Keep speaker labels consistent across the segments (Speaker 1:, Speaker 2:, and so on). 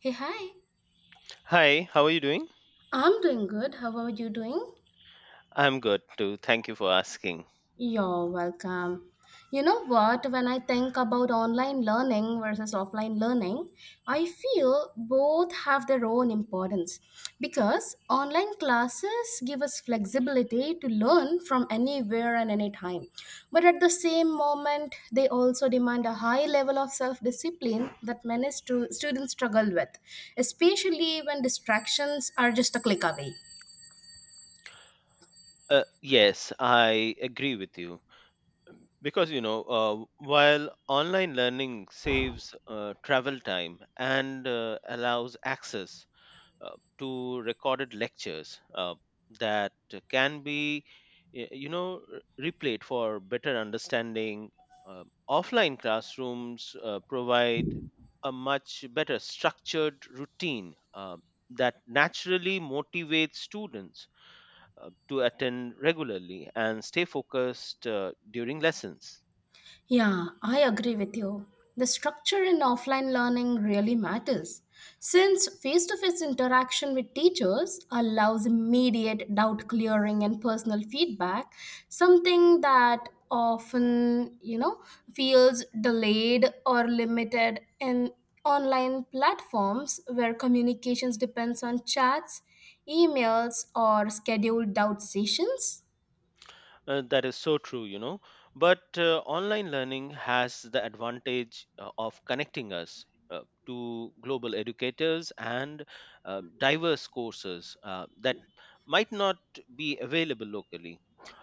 Speaker 1: Hey, hi.
Speaker 2: Hi, how are you doing?
Speaker 1: I'm doing good. How are you doing?
Speaker 2: I'm good too. Thank you for asking.
Speaker 1: You're welcome. You know what? When I think about online learning versus offline learning, I feel both have their own importance because online classes give us flexibility to learn from anywhere and anytime. But at the same moment, they also demand a high level of self discipline that many students struggle with, especially when distractions are just a click away.
Speaker 2: Yes, I agree with you. Because, while online learning saves travel time and allows access to recorded lectures that can be replayed for better understanding. Offline classrooms provide a much better structured routine that naturally motivates students to attend regularly and stay focused during lessons.
Speaker 1: Yeah, I agree with you. The structure in offline learning really matters since face to face interaction with teachers allows immediate doubt clearing and personal feedback, something that often, you know, feels delayed or limited in online platforms where communications depends on chats, emails or scheduled doubt sessions.
Speaker 2: That is so true. But online learning has the advantage of connecting us to global educators and diverse courses that might not be available locally.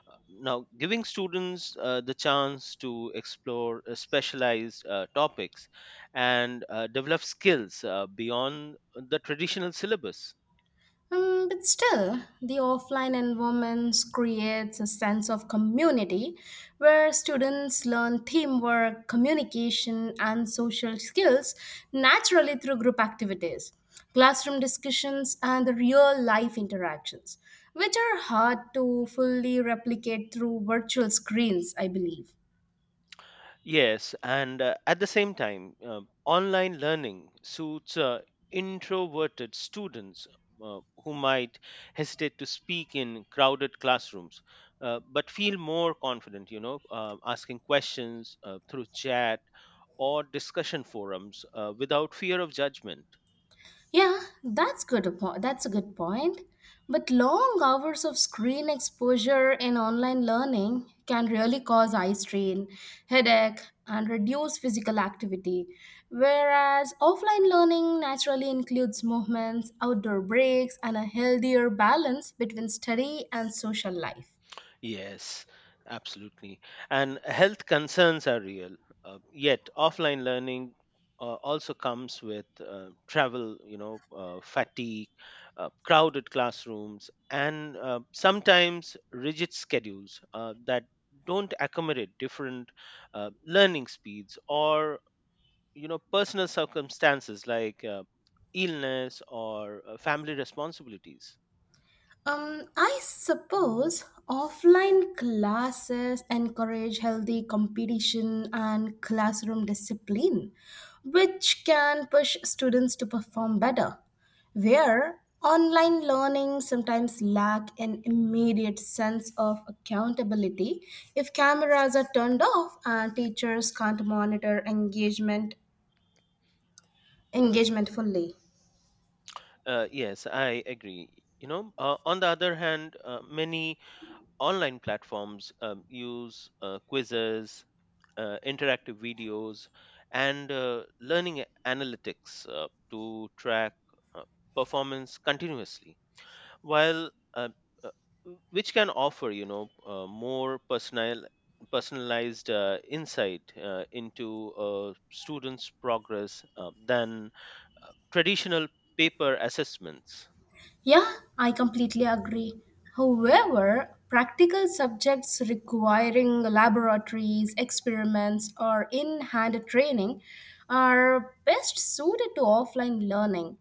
Speaker 2: Uh, Now, giving students the chance to explore specialized topics and develop skills beyond the traditional syllabus.
Speaker 1: But still, the offline environment creates a sense of community where students learn teamwork, communication, and social skills naturally through group activities, classroom discussions, and the real life interactions, which are hard to fully replicate through virtual screens, I believe.
Speaker 2: Yes, and at the same time, online learning suits introverted students who might hesitate to speak in crowded classrooms, but feel more confident, asking questions through chat or discussion forums without fear of judgment.
Speaker 1: Yeah, that's good. A That's a good point. But long hours of screen exposure in online learning can really cause eye strain, headache, and reduce physical activity. Whereas offline learning naturally includes movements, outdoor breaks, and a healthier balance between study and social life.
Speaker 2: Yes, absolutely. And health concerns are real. Yet, offline learning also comes with travel, fatigue, crowded classrooms, and sometimes rigid schedules that don't accommodate different learning speeds or, personal circumstances like illness or family responsibilities.
Speaker 1: I suppose offline classes encourage healthy competition and classroom discipline, which can push students to perform better. Where online learning sometimes lack an immediate sense of accountability if cameras are turned off and teachers can't monitor engagement fully.
Speaker 2: Yes, I agree. On the other hand, many online platforms use quizzes, interactive videos, and learning analytics to track uh, performance continuously, while uh, which can offer more personalized insight into a student's progress than traditional paper assessments.
Speaker 1: Yeah, I completely agree. However, practical subjects requiring laboratories, experiments, or in hand training are best suited to offline learning.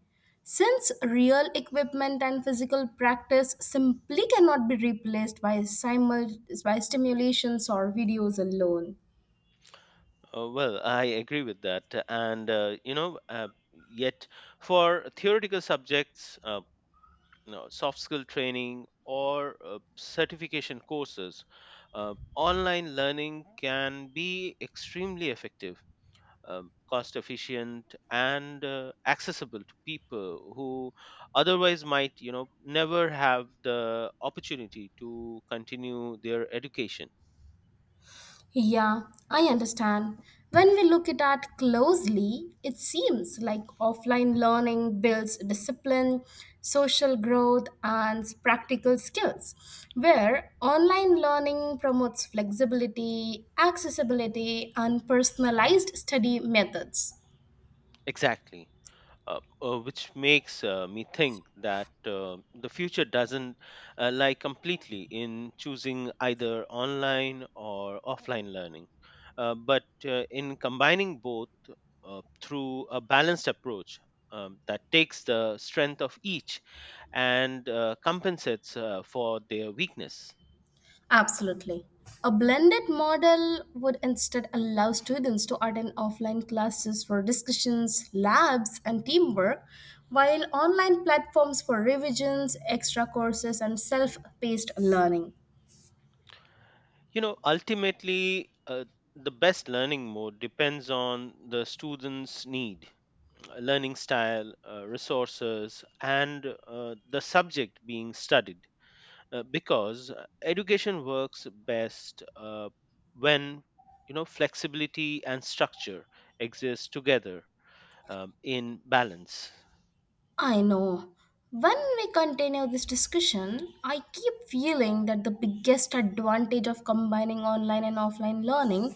Speaker 1: Since real equipment and physical practice simply cannot be replaced by, by stimulations or videos alone.
Speaker 2: Well, I agree with that. And, yet for theoretical subjects, soft skill training or certification courses, online learning can be extremely effective, cost efficient, and accessible to people who otherwise might, never have the opportunity to continue their education.
Speaker 1: Yeah, I understand. When we look at that closely, it seems like offline learning builds discipline, social growth, and practical skills, where online learning promotes flexibility, accessibility, and personalized study methods.
Speaker 2: Exactly. Which makes me think that the future doesn't lie completely in choosing either online or offline learning, but in combining both through a balanced approach that takes the strength of each and compensates for their weakness.
Speaker 1: Absolutely. A blended model would instead allow students to attend offline classes for discussions, labs, and teamwork, while online platforms for revisions, extra courses, and self paced learning.
Speaker 2: Ultimately, the best learning mode depends on the student's need, learning style, resources, and the subject being studied, because education works best when flexibility and structure exist together in balance.
Speaker 1: I know. When we continue this discussion, I keep feeling that the biggest advantage of combining online and offline learning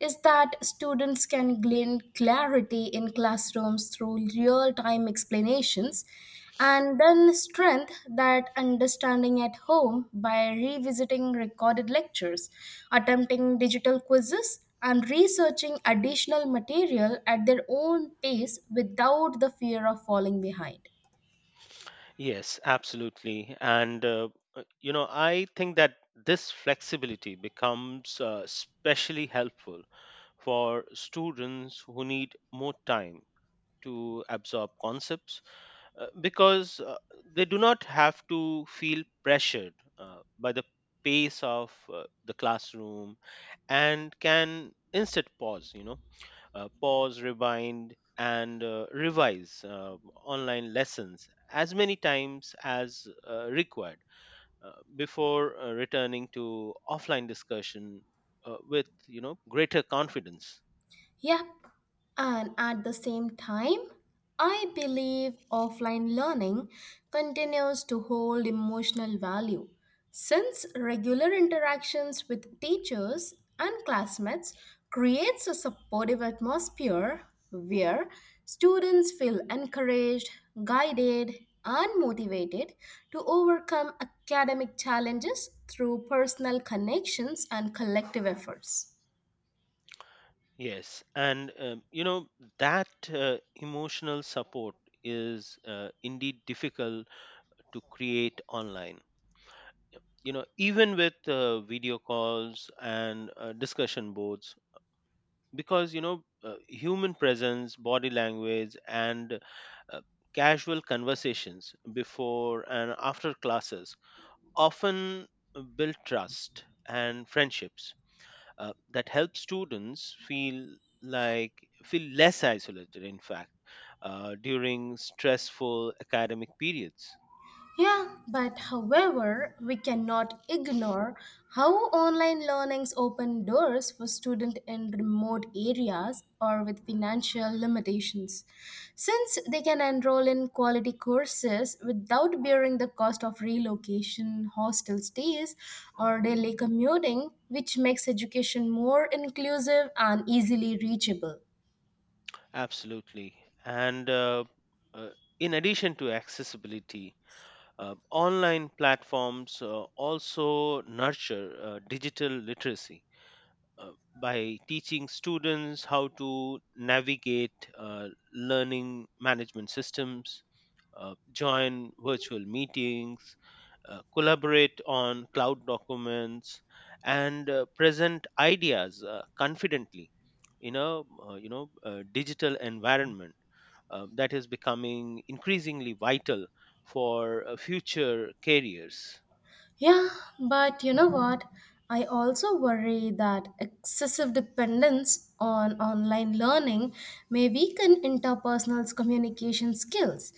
Speaker 1: is that students can gain clarity in classrooms through real time explanations and then strengthen that understanding at home by revisiting recorded lectures, attempting digital quizzes, and researching additional material at their own pace without the fear of falling behind.
Speaker 2: Yes, absolutely, and I think that this flexibility becomes especially helpful for students who need more time to absorb concepts, because they do not have to feel pressured by the pace of the classroom, and can instead pause you know pause rewind, and revise online lessons as many times as required before returning to offline discussion with greater confidence.
Speaker 1: Yep, and at the same time, I believe offline learning continues to hold emotional value since regular interactions with teachers and classmates creates a supportive atmosphere where students feel encouraged, guided, and motivated to overcome academic challenges through personal connections and collective efforts.
Speaker 2: Yes, and that emotional support is indeed difficult to create online. Even with video calls and discussion boards, because human presence, body language, and uh, casual conversations before and after classes often build trust and friendships that helps students like feel less isolated, in fact, during stressful academic periods.
Speaker 1: Yeah, but however, we cannot ignore how online learnings open doors for students in remote areas or with financial limitations, since they can enroll in quality courses without bearing the cost of relocation, hostel stays, or daily commuting, which makes education more inclusive and easily reachable.
Speaker 2: Absolutely, and uh, in addition to accessibility, online platforms also nurture digital literacy by teaching students how to navigate learning management systems, join virtual meetings, collaborate on cloud documents, and present ideas confidently in a digital environment that is becoming increasingly vital for future careers.
Speaker 1: Yeah, but you know what? I also worry that excessive dependence on online learning may weaken interpersonal communication skills.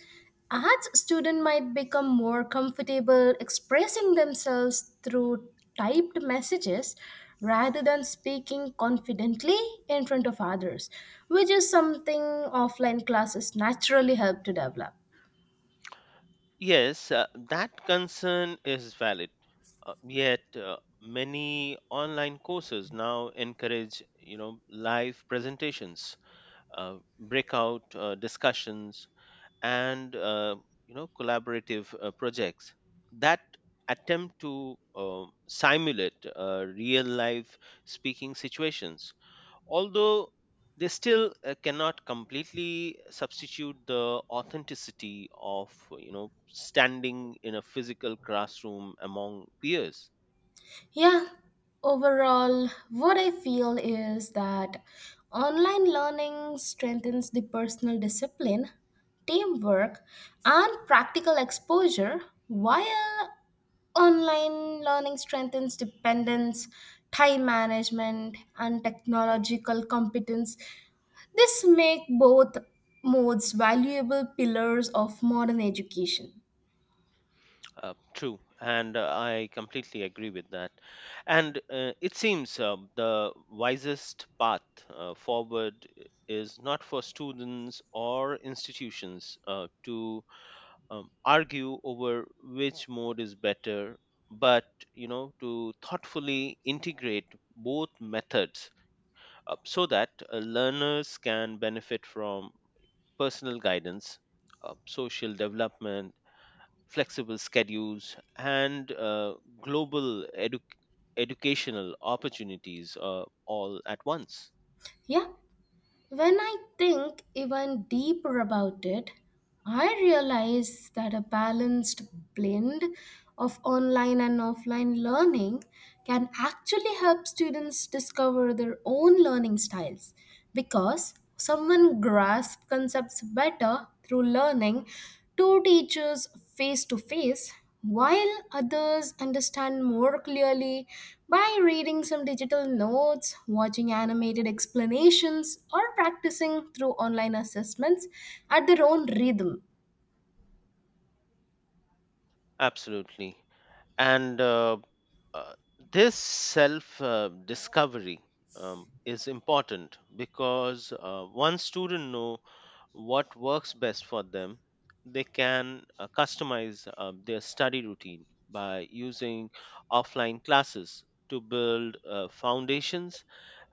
Speaker 1: As students might become more comfortable expressing themselves through typed messages rather than speaking confidently in front of others, which is something offline classes naturally help to develop.
Speaker 2: Yes, that concern is valid. Yet many online courses now encourage live presentations, breakout discussions, and collaborative projects that attempt to simulate real life speaking situations, although they still cannot completely substitute the authenticity of standing in a physical classroom among peers.
Speaker 1: Yeah, overall, what I feel is that online learning strengthens the personal discipline, teamwork, and practical exposure, while online learning strengthens dependence, time management, and technological competence. This make both modes valuable pillars of modern education.
Speaker 2: True, and I completely agree with that. And it seems the wisest path forward i- is not for students or institutions to argue over which mode is better, but to thoughtfully integrate both methods so that learners can benefit from personal guidance, social development, flexible schedules, and global educational opportunities all at once.
Speaker 1: Yeah. When I think even deeper about it, I realize that a balanced blend of online and offline learning can actually help students discover their own learning styles because someone grasps concepts better through learning two teachers face to face while others understand more clearly by reading some digital notes, watching animated explanations, or practicing through online assessments at their own rhythm.
Speaker 2: Absolutely. And uh, this self discovery is important, because one student know, what works best for them, they can customize their study routine by using offline classes to build foundations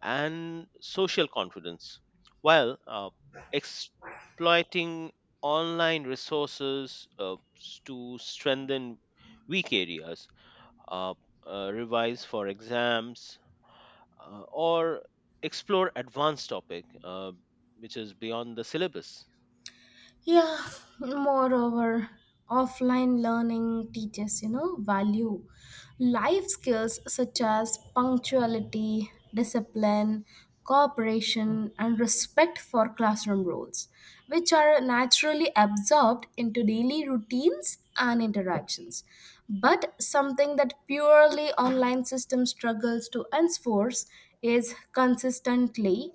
Speaker 2: and social confidence, while exploiting online resources to strengthen weak areas, uh, revise for exams, or explore advanced topic which is beyond the syllabus.
Speaker 1: Yeah, moreover, offline learning teaches, you know, value life skills such as punctuality, discipline, cooperation, and respect for classroom rules, which are naturally absorbed into daily routines and interactions. But something that purely online system struggles to enforce is consistently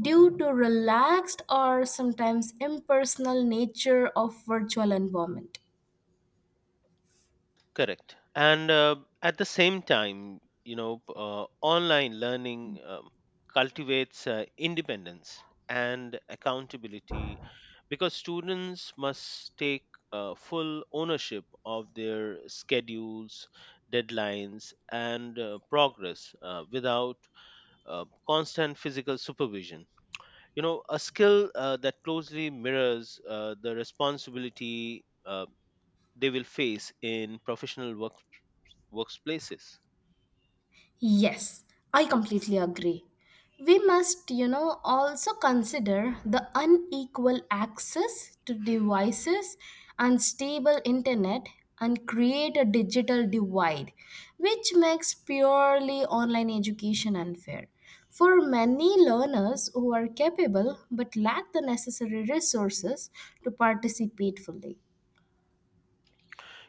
Speaker 1: due to relaxed or sometimes impersonal nature of virtual environment.
Speaker 2: Correct. And at the same time, online learning cultivates independence and accountability, because students must take full ownership of their schedules, deadlines, and progress without constant physical supervision. A skill that closely mirrors the responsibility they will face in professional workplaces.
Speaker 1: Yes, I completely agree. We must, you know, also consider the unequal access to devices, unstable internet, and create a digital divide, which makes purely online education unfair. For many learners who are capable but lack the necessary resources to participate fully.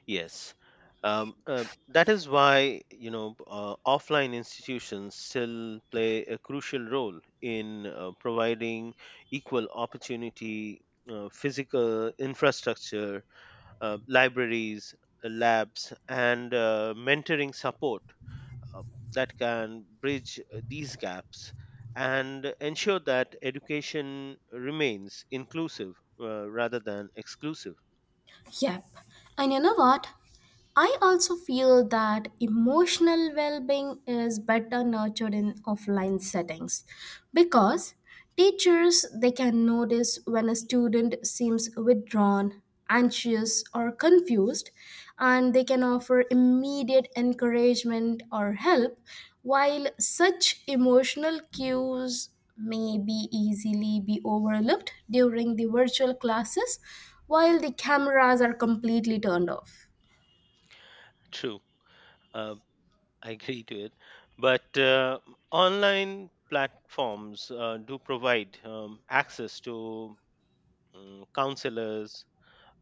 Speaker 2: Yes, that is why offline institutions still play a crucial role in providing equal opportunity, physical infrastructure, libraries, labs, and mentoring support uh, that can bridge these gaps, and ensure that education remains inclusive rather than exclusive.
Speaker 1: Yep. And you know what? I also feel that emotional well being is better nurtured in offline settings because teachers they can notice when a student seems withdrawn, anxious, or confused and they can offer immediate encouragement or help, while such emotional cues may be easily be overlooked during the virtual classes while the cameras are completely turned off.
Speaker 2: True. Uh, I agree to it. But online platforms do provide access to counselors,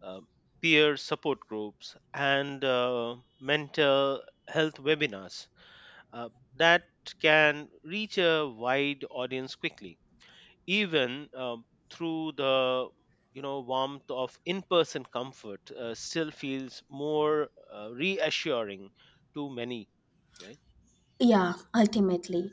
Speaker 2: uh, peer support groups, and mental health webinars uh, that can reach a wide audience quickly, even through the warmth of in-person comfort still feels more reassuring to many, right?
Speaker 1: Yeah, ultimately.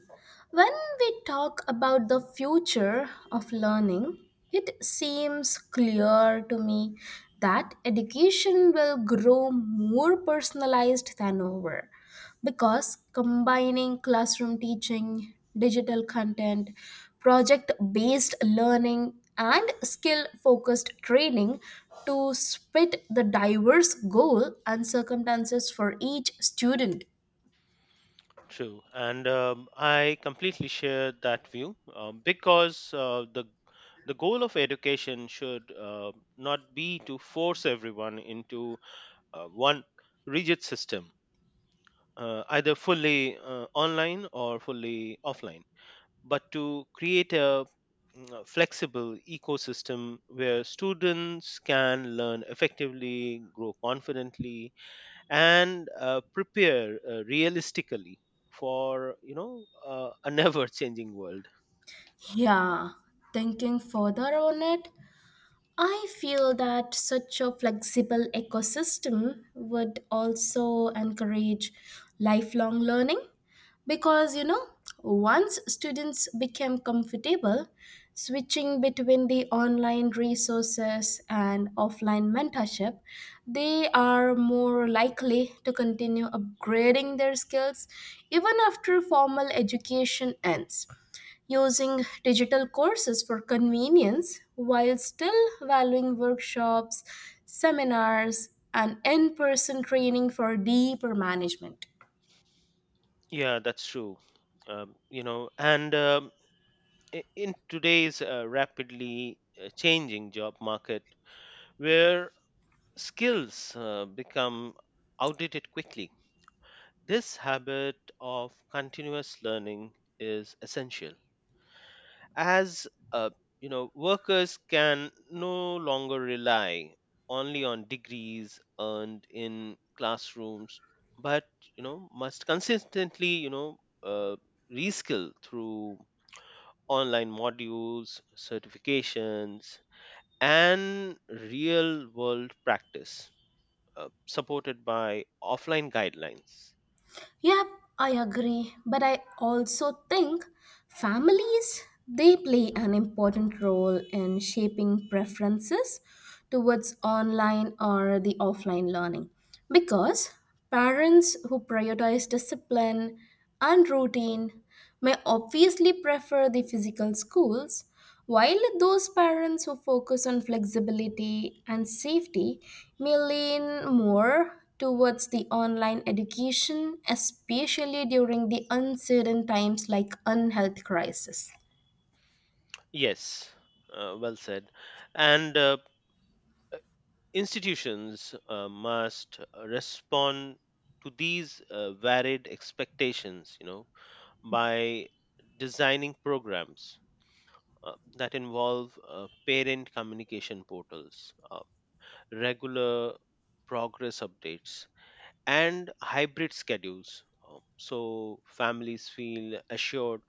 Speaker 1: When we talk about the future of learning, it seems clear to me that education will grow more personalized than ever because combining classroom teaching, digital content, project based learning, and skill focused training to spit the diverse goal and circumstances for each student.
Speaker 2: True, and I completely share that view because the goal of education should not be to force everyone into one rigid system, either fully online or fully offline, but to create a flexible ecosystem where students can learn effectively, grow confidently, and prepare realistically for a never changing world.
Speaker 1: Yeah, thinking further on it, I feel that such a flexible ecosystem would also encourage lifelong learning because once students become comfortable switching between the online resources and offline mentorship, they are more likely to continue upgrading their skills even after formal education ends using digital courses for convenience while still valuing workshops, seminars, and in person training for deeper management.
Speaker 2: Yeah, that's true. And in today's rapidly changing job market, where skills become outdated quickly, this habit of continuous learning is essential, as workers can no longer rely only on degrees earned in classrooms, but must consistently reskill through online modules, certifications, and real world practice supported by offline guidelines.
Speaker 1: Yep, I agree, but I also think families they play an important role in shaping preferences towards online or the offline learning because parents who prioritize discipline and routine may obviously prefer the physical schools while those parents who focus on flexibility and safety may lean more towards the online education, especially during the uncertain times like unhealth crisis.
Speaker 2: Yes, well said. And institutions must respond to these varied expectations, by designing programs uh, that involve parent communication portals, regular progress updates, and hybrid schedules, so families feel assured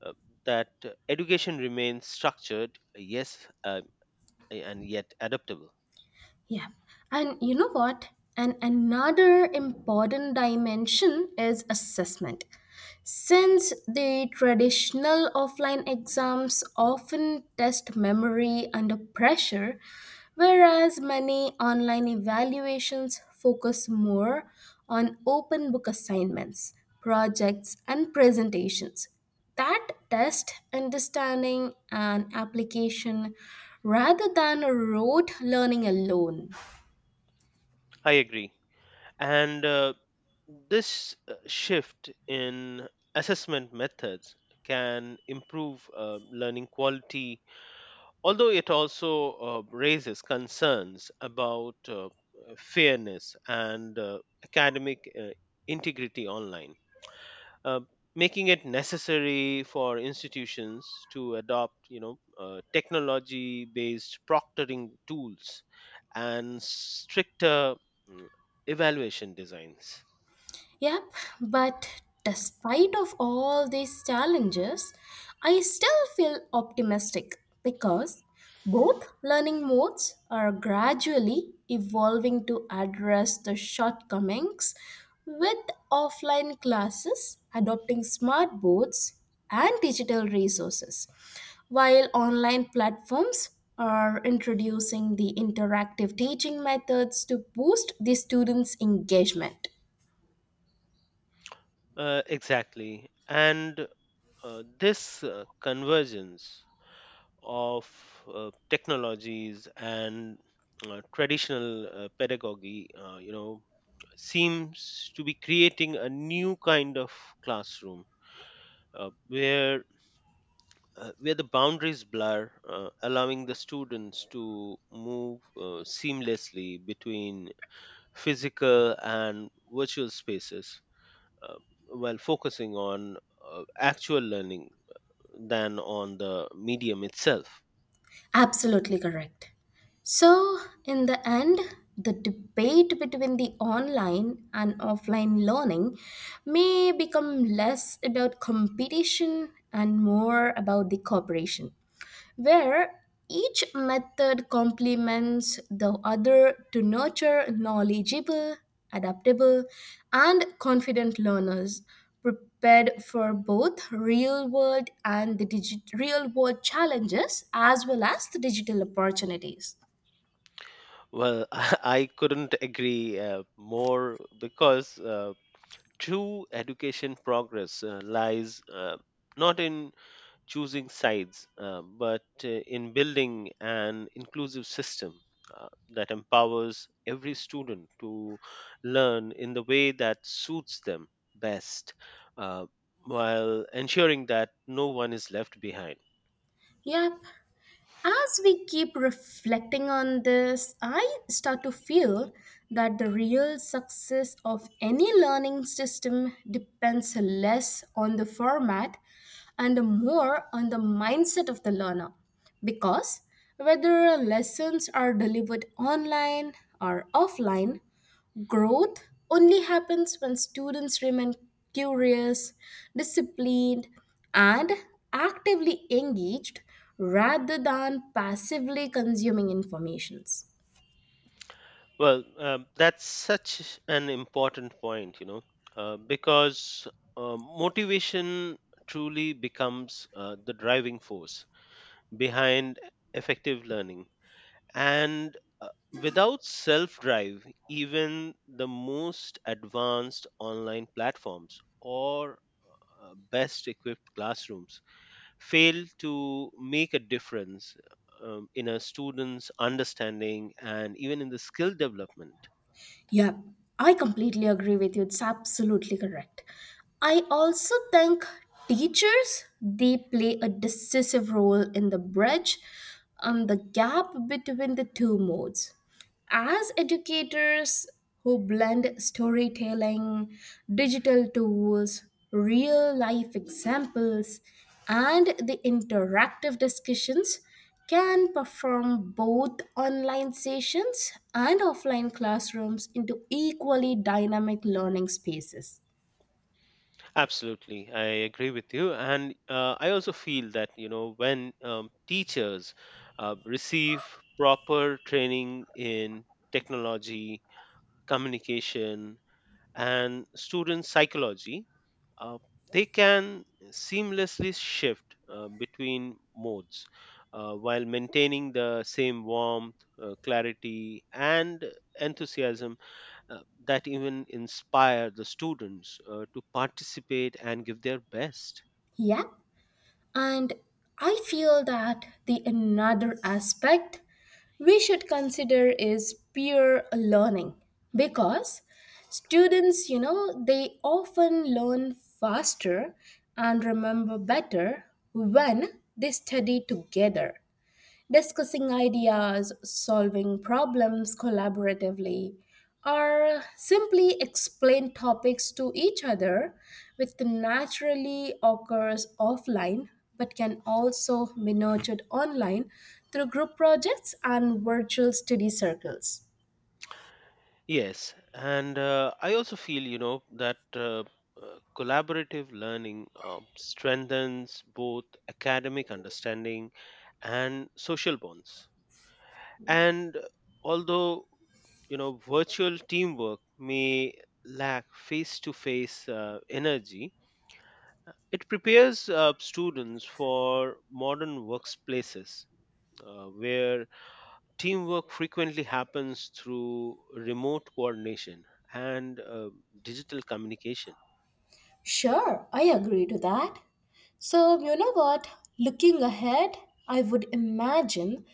Speaker 2: uh, that education remains structured, yes, and yet adaptable.
Speaker 1: Yeah. And you know what? And another important dimension is assessment. Since the traditional offline exams often test memory under pressure, whereas many online evaluations focus more on open book assignments, projects, and presentations that test understanding and application rather than rote learning alone.
Speaker 2: I agree. And this shift in assessment methods can improve learning quality, although it also raises concerns about fairness and academic integrity online, Uh, making it necessary for institutions to adopt technology based proctoring tools and stricter mm, evaluation designs.
Speaker 1: Yep, but despite of all these challenges, I still feel optimistic because both learning modes are gradually evolving to address the shortcomings with offline classes adopting smart boards and digital resources while online platforms are introducing the interactive teaching methods to boost the students engagement.
Speaker 2: Exactly. And this convergence of technologies and traditional pedagogy, seems to be creating a new kind of classroom, uh, where where the boundaries blur, allowing the students to move seamlessly between physical and virtual spaces, uh, while focusing on actual learning than on the medium itself.
Speaker 1: Absolutely correct. So, in the end, the debate between the online and offline learning may become less about competition and more about the cooperation where each method complements the other to nurture knowledgeable, adaptable, and confident learners prepared for both real world and the real world challenges as well as the digital opportunities.
Speaker 2: Well, I couldn't agree more, because true education progress lies not in choosing sides, but in building an inclusive system that empowers every student to learn in the way that suits them best, uh, while ensuring that no one is left behind.
Speaker 1: Yeah, as we keep reflecting on this, I start to feel that the real success of any learning system depends less on the format and more on the mindset of the learner. Because whether lessons are delivered online or offline, growth only happens when students remain curious, disciplined, and actively engaged rather than passively consuming informations.
Speaker 2: Well, that's such an important point, because motivation truly becomes the driving force behind effective learning. And without self drive, even the most advanced online platforms or best equipped classrooms fail to make a difference in a student's understanding and even in the skill development.
Speaker 1: Yeah, I completely agree with you. It's absolutely correct. I also think teachers they play a decisive role in the bridge the gap between the two modes. As educators who blend storytelling, digital tools, real life examples, and the interactive discussions, can perform both online sessions and offline classrooms into equally dynamic learning spaces.
Speaker 2: Absolutely, I agree with you. And I also feel that, when teachers receive proper training in technology, communication, and student psychology, uh, they can seamlessly shift between modes, while maintaining the same warmth, clarity, and enthusiasm uh, that even inspire the students to participate and give their best.
Speaker 1: Yep, and I feel that the another aspect we should consider is peer learning because students, you know, they often learn faster and remember better when they study together discussing ideas, solving problems collaboratively, or simply explain topics to each other, which naturally occurs offline but can also be nurtured online through group projects and virtual study circles.
Speaker 2: Yes, and I also feel, that collaborative learning strengthens both academic understanding and social bonds. And although virtual teamwork may lack face-to-face energy, it prepares students for modern workplaces, where teamwork frequently happens through remote coordination and digital communication.
Speaker 1: Sure, I agree to that. So, you know what? Looking ahead, I would imagine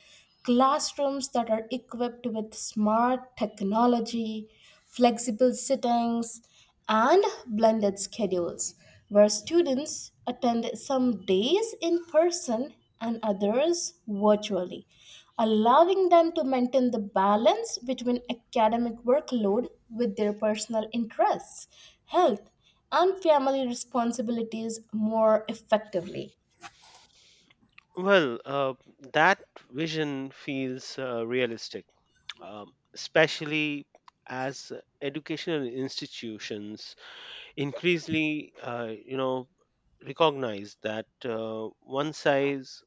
Speaker 1: classrooms that are equipped with smart technology, flexible sittings, and blended schedules, where students attend some days in person and others virtually allowing them to maintain the balance between academic workload with their personal interests, health, and family responsibilities more effectively.
Speaker 2: Well, that vision feels realistic, especially as educational institutions increasingly recognize that one size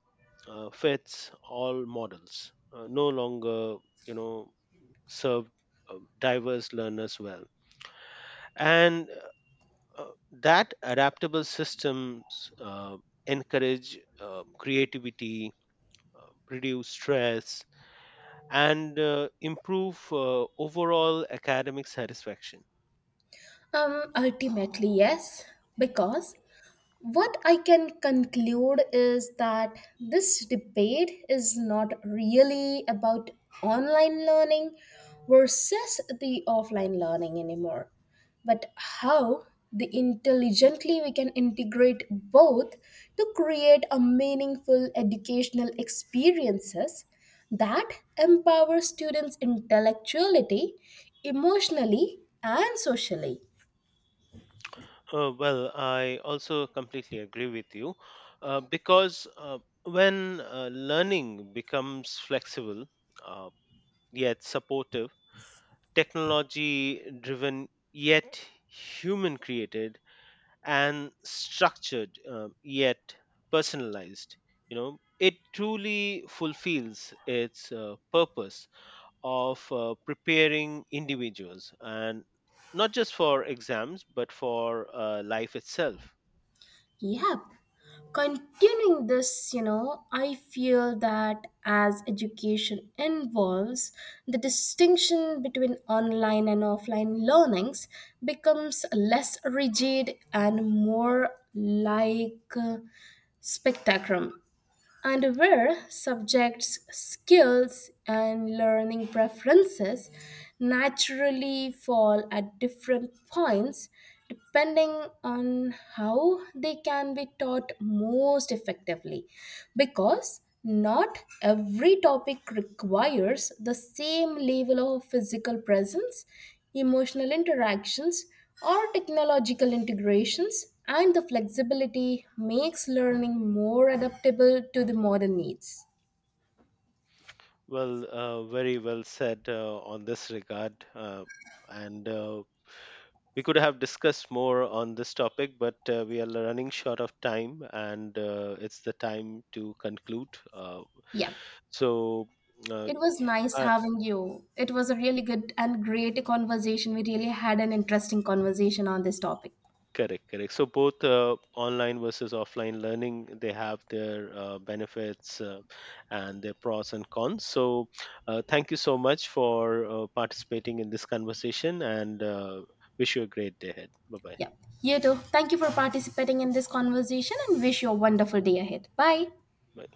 Speaker 2: fits all models no longer you know serve diverse learners well, and that adaptable systems encourage creativity, uh, reduce stress, and improve overall academic satisfaction.
Speaker 1: Ultimately, yes, because what I can conclude is that this debate is not really about online learning versus the offline learning anymore, but how the intelligently we can integrate both to create a meaningful educational experiences that empower students intellectually, emotionally and socially.
Speaker 2: Well, I also completely agree with you, because when learning becomes flexible uh, yet supportive, technology driven yet human created, and structured yet personalized, it truly fulfills its purpose of preparing individuals and not just for exams but for life itself.
Speaker 1: Yep. Continuing this, you know, I feel that as education involves, the distinction between online and offline learnings becomes less rigid and more like spectacrum and where subjects' skills and learning preferences naturally fall at different points depending on how they can be taught most effectively because not every topic requires the same level of physical presence emotional interactions our technological integrations and the flexibility makes learning more adaptable to the modern needs.
Speaker 2: Well, very well said on this regard. And we could have discussed more on this topic, but we are running short of time, and it's the time to conclude.
Speaker 1: Yeah,
Speaker 2: So, uh,
Speaker 1: it was nice
Speaker 2: uh,
Speaker 1: having you. It was a really good and great conversation. We really had an interesting conversation on this topic.
Speaker 2: Correct, correct. So, both online versus offline learning, they have their benefits and their pros and cons. So, thank you so much for participating in this conversation, and wish you a great day ahead. Bye bye.
Speaker 1: Yeah, you too. Thank you for participating in this conversation and wish you a wonderful day ahead. Bye.
Speaker 2: Bye.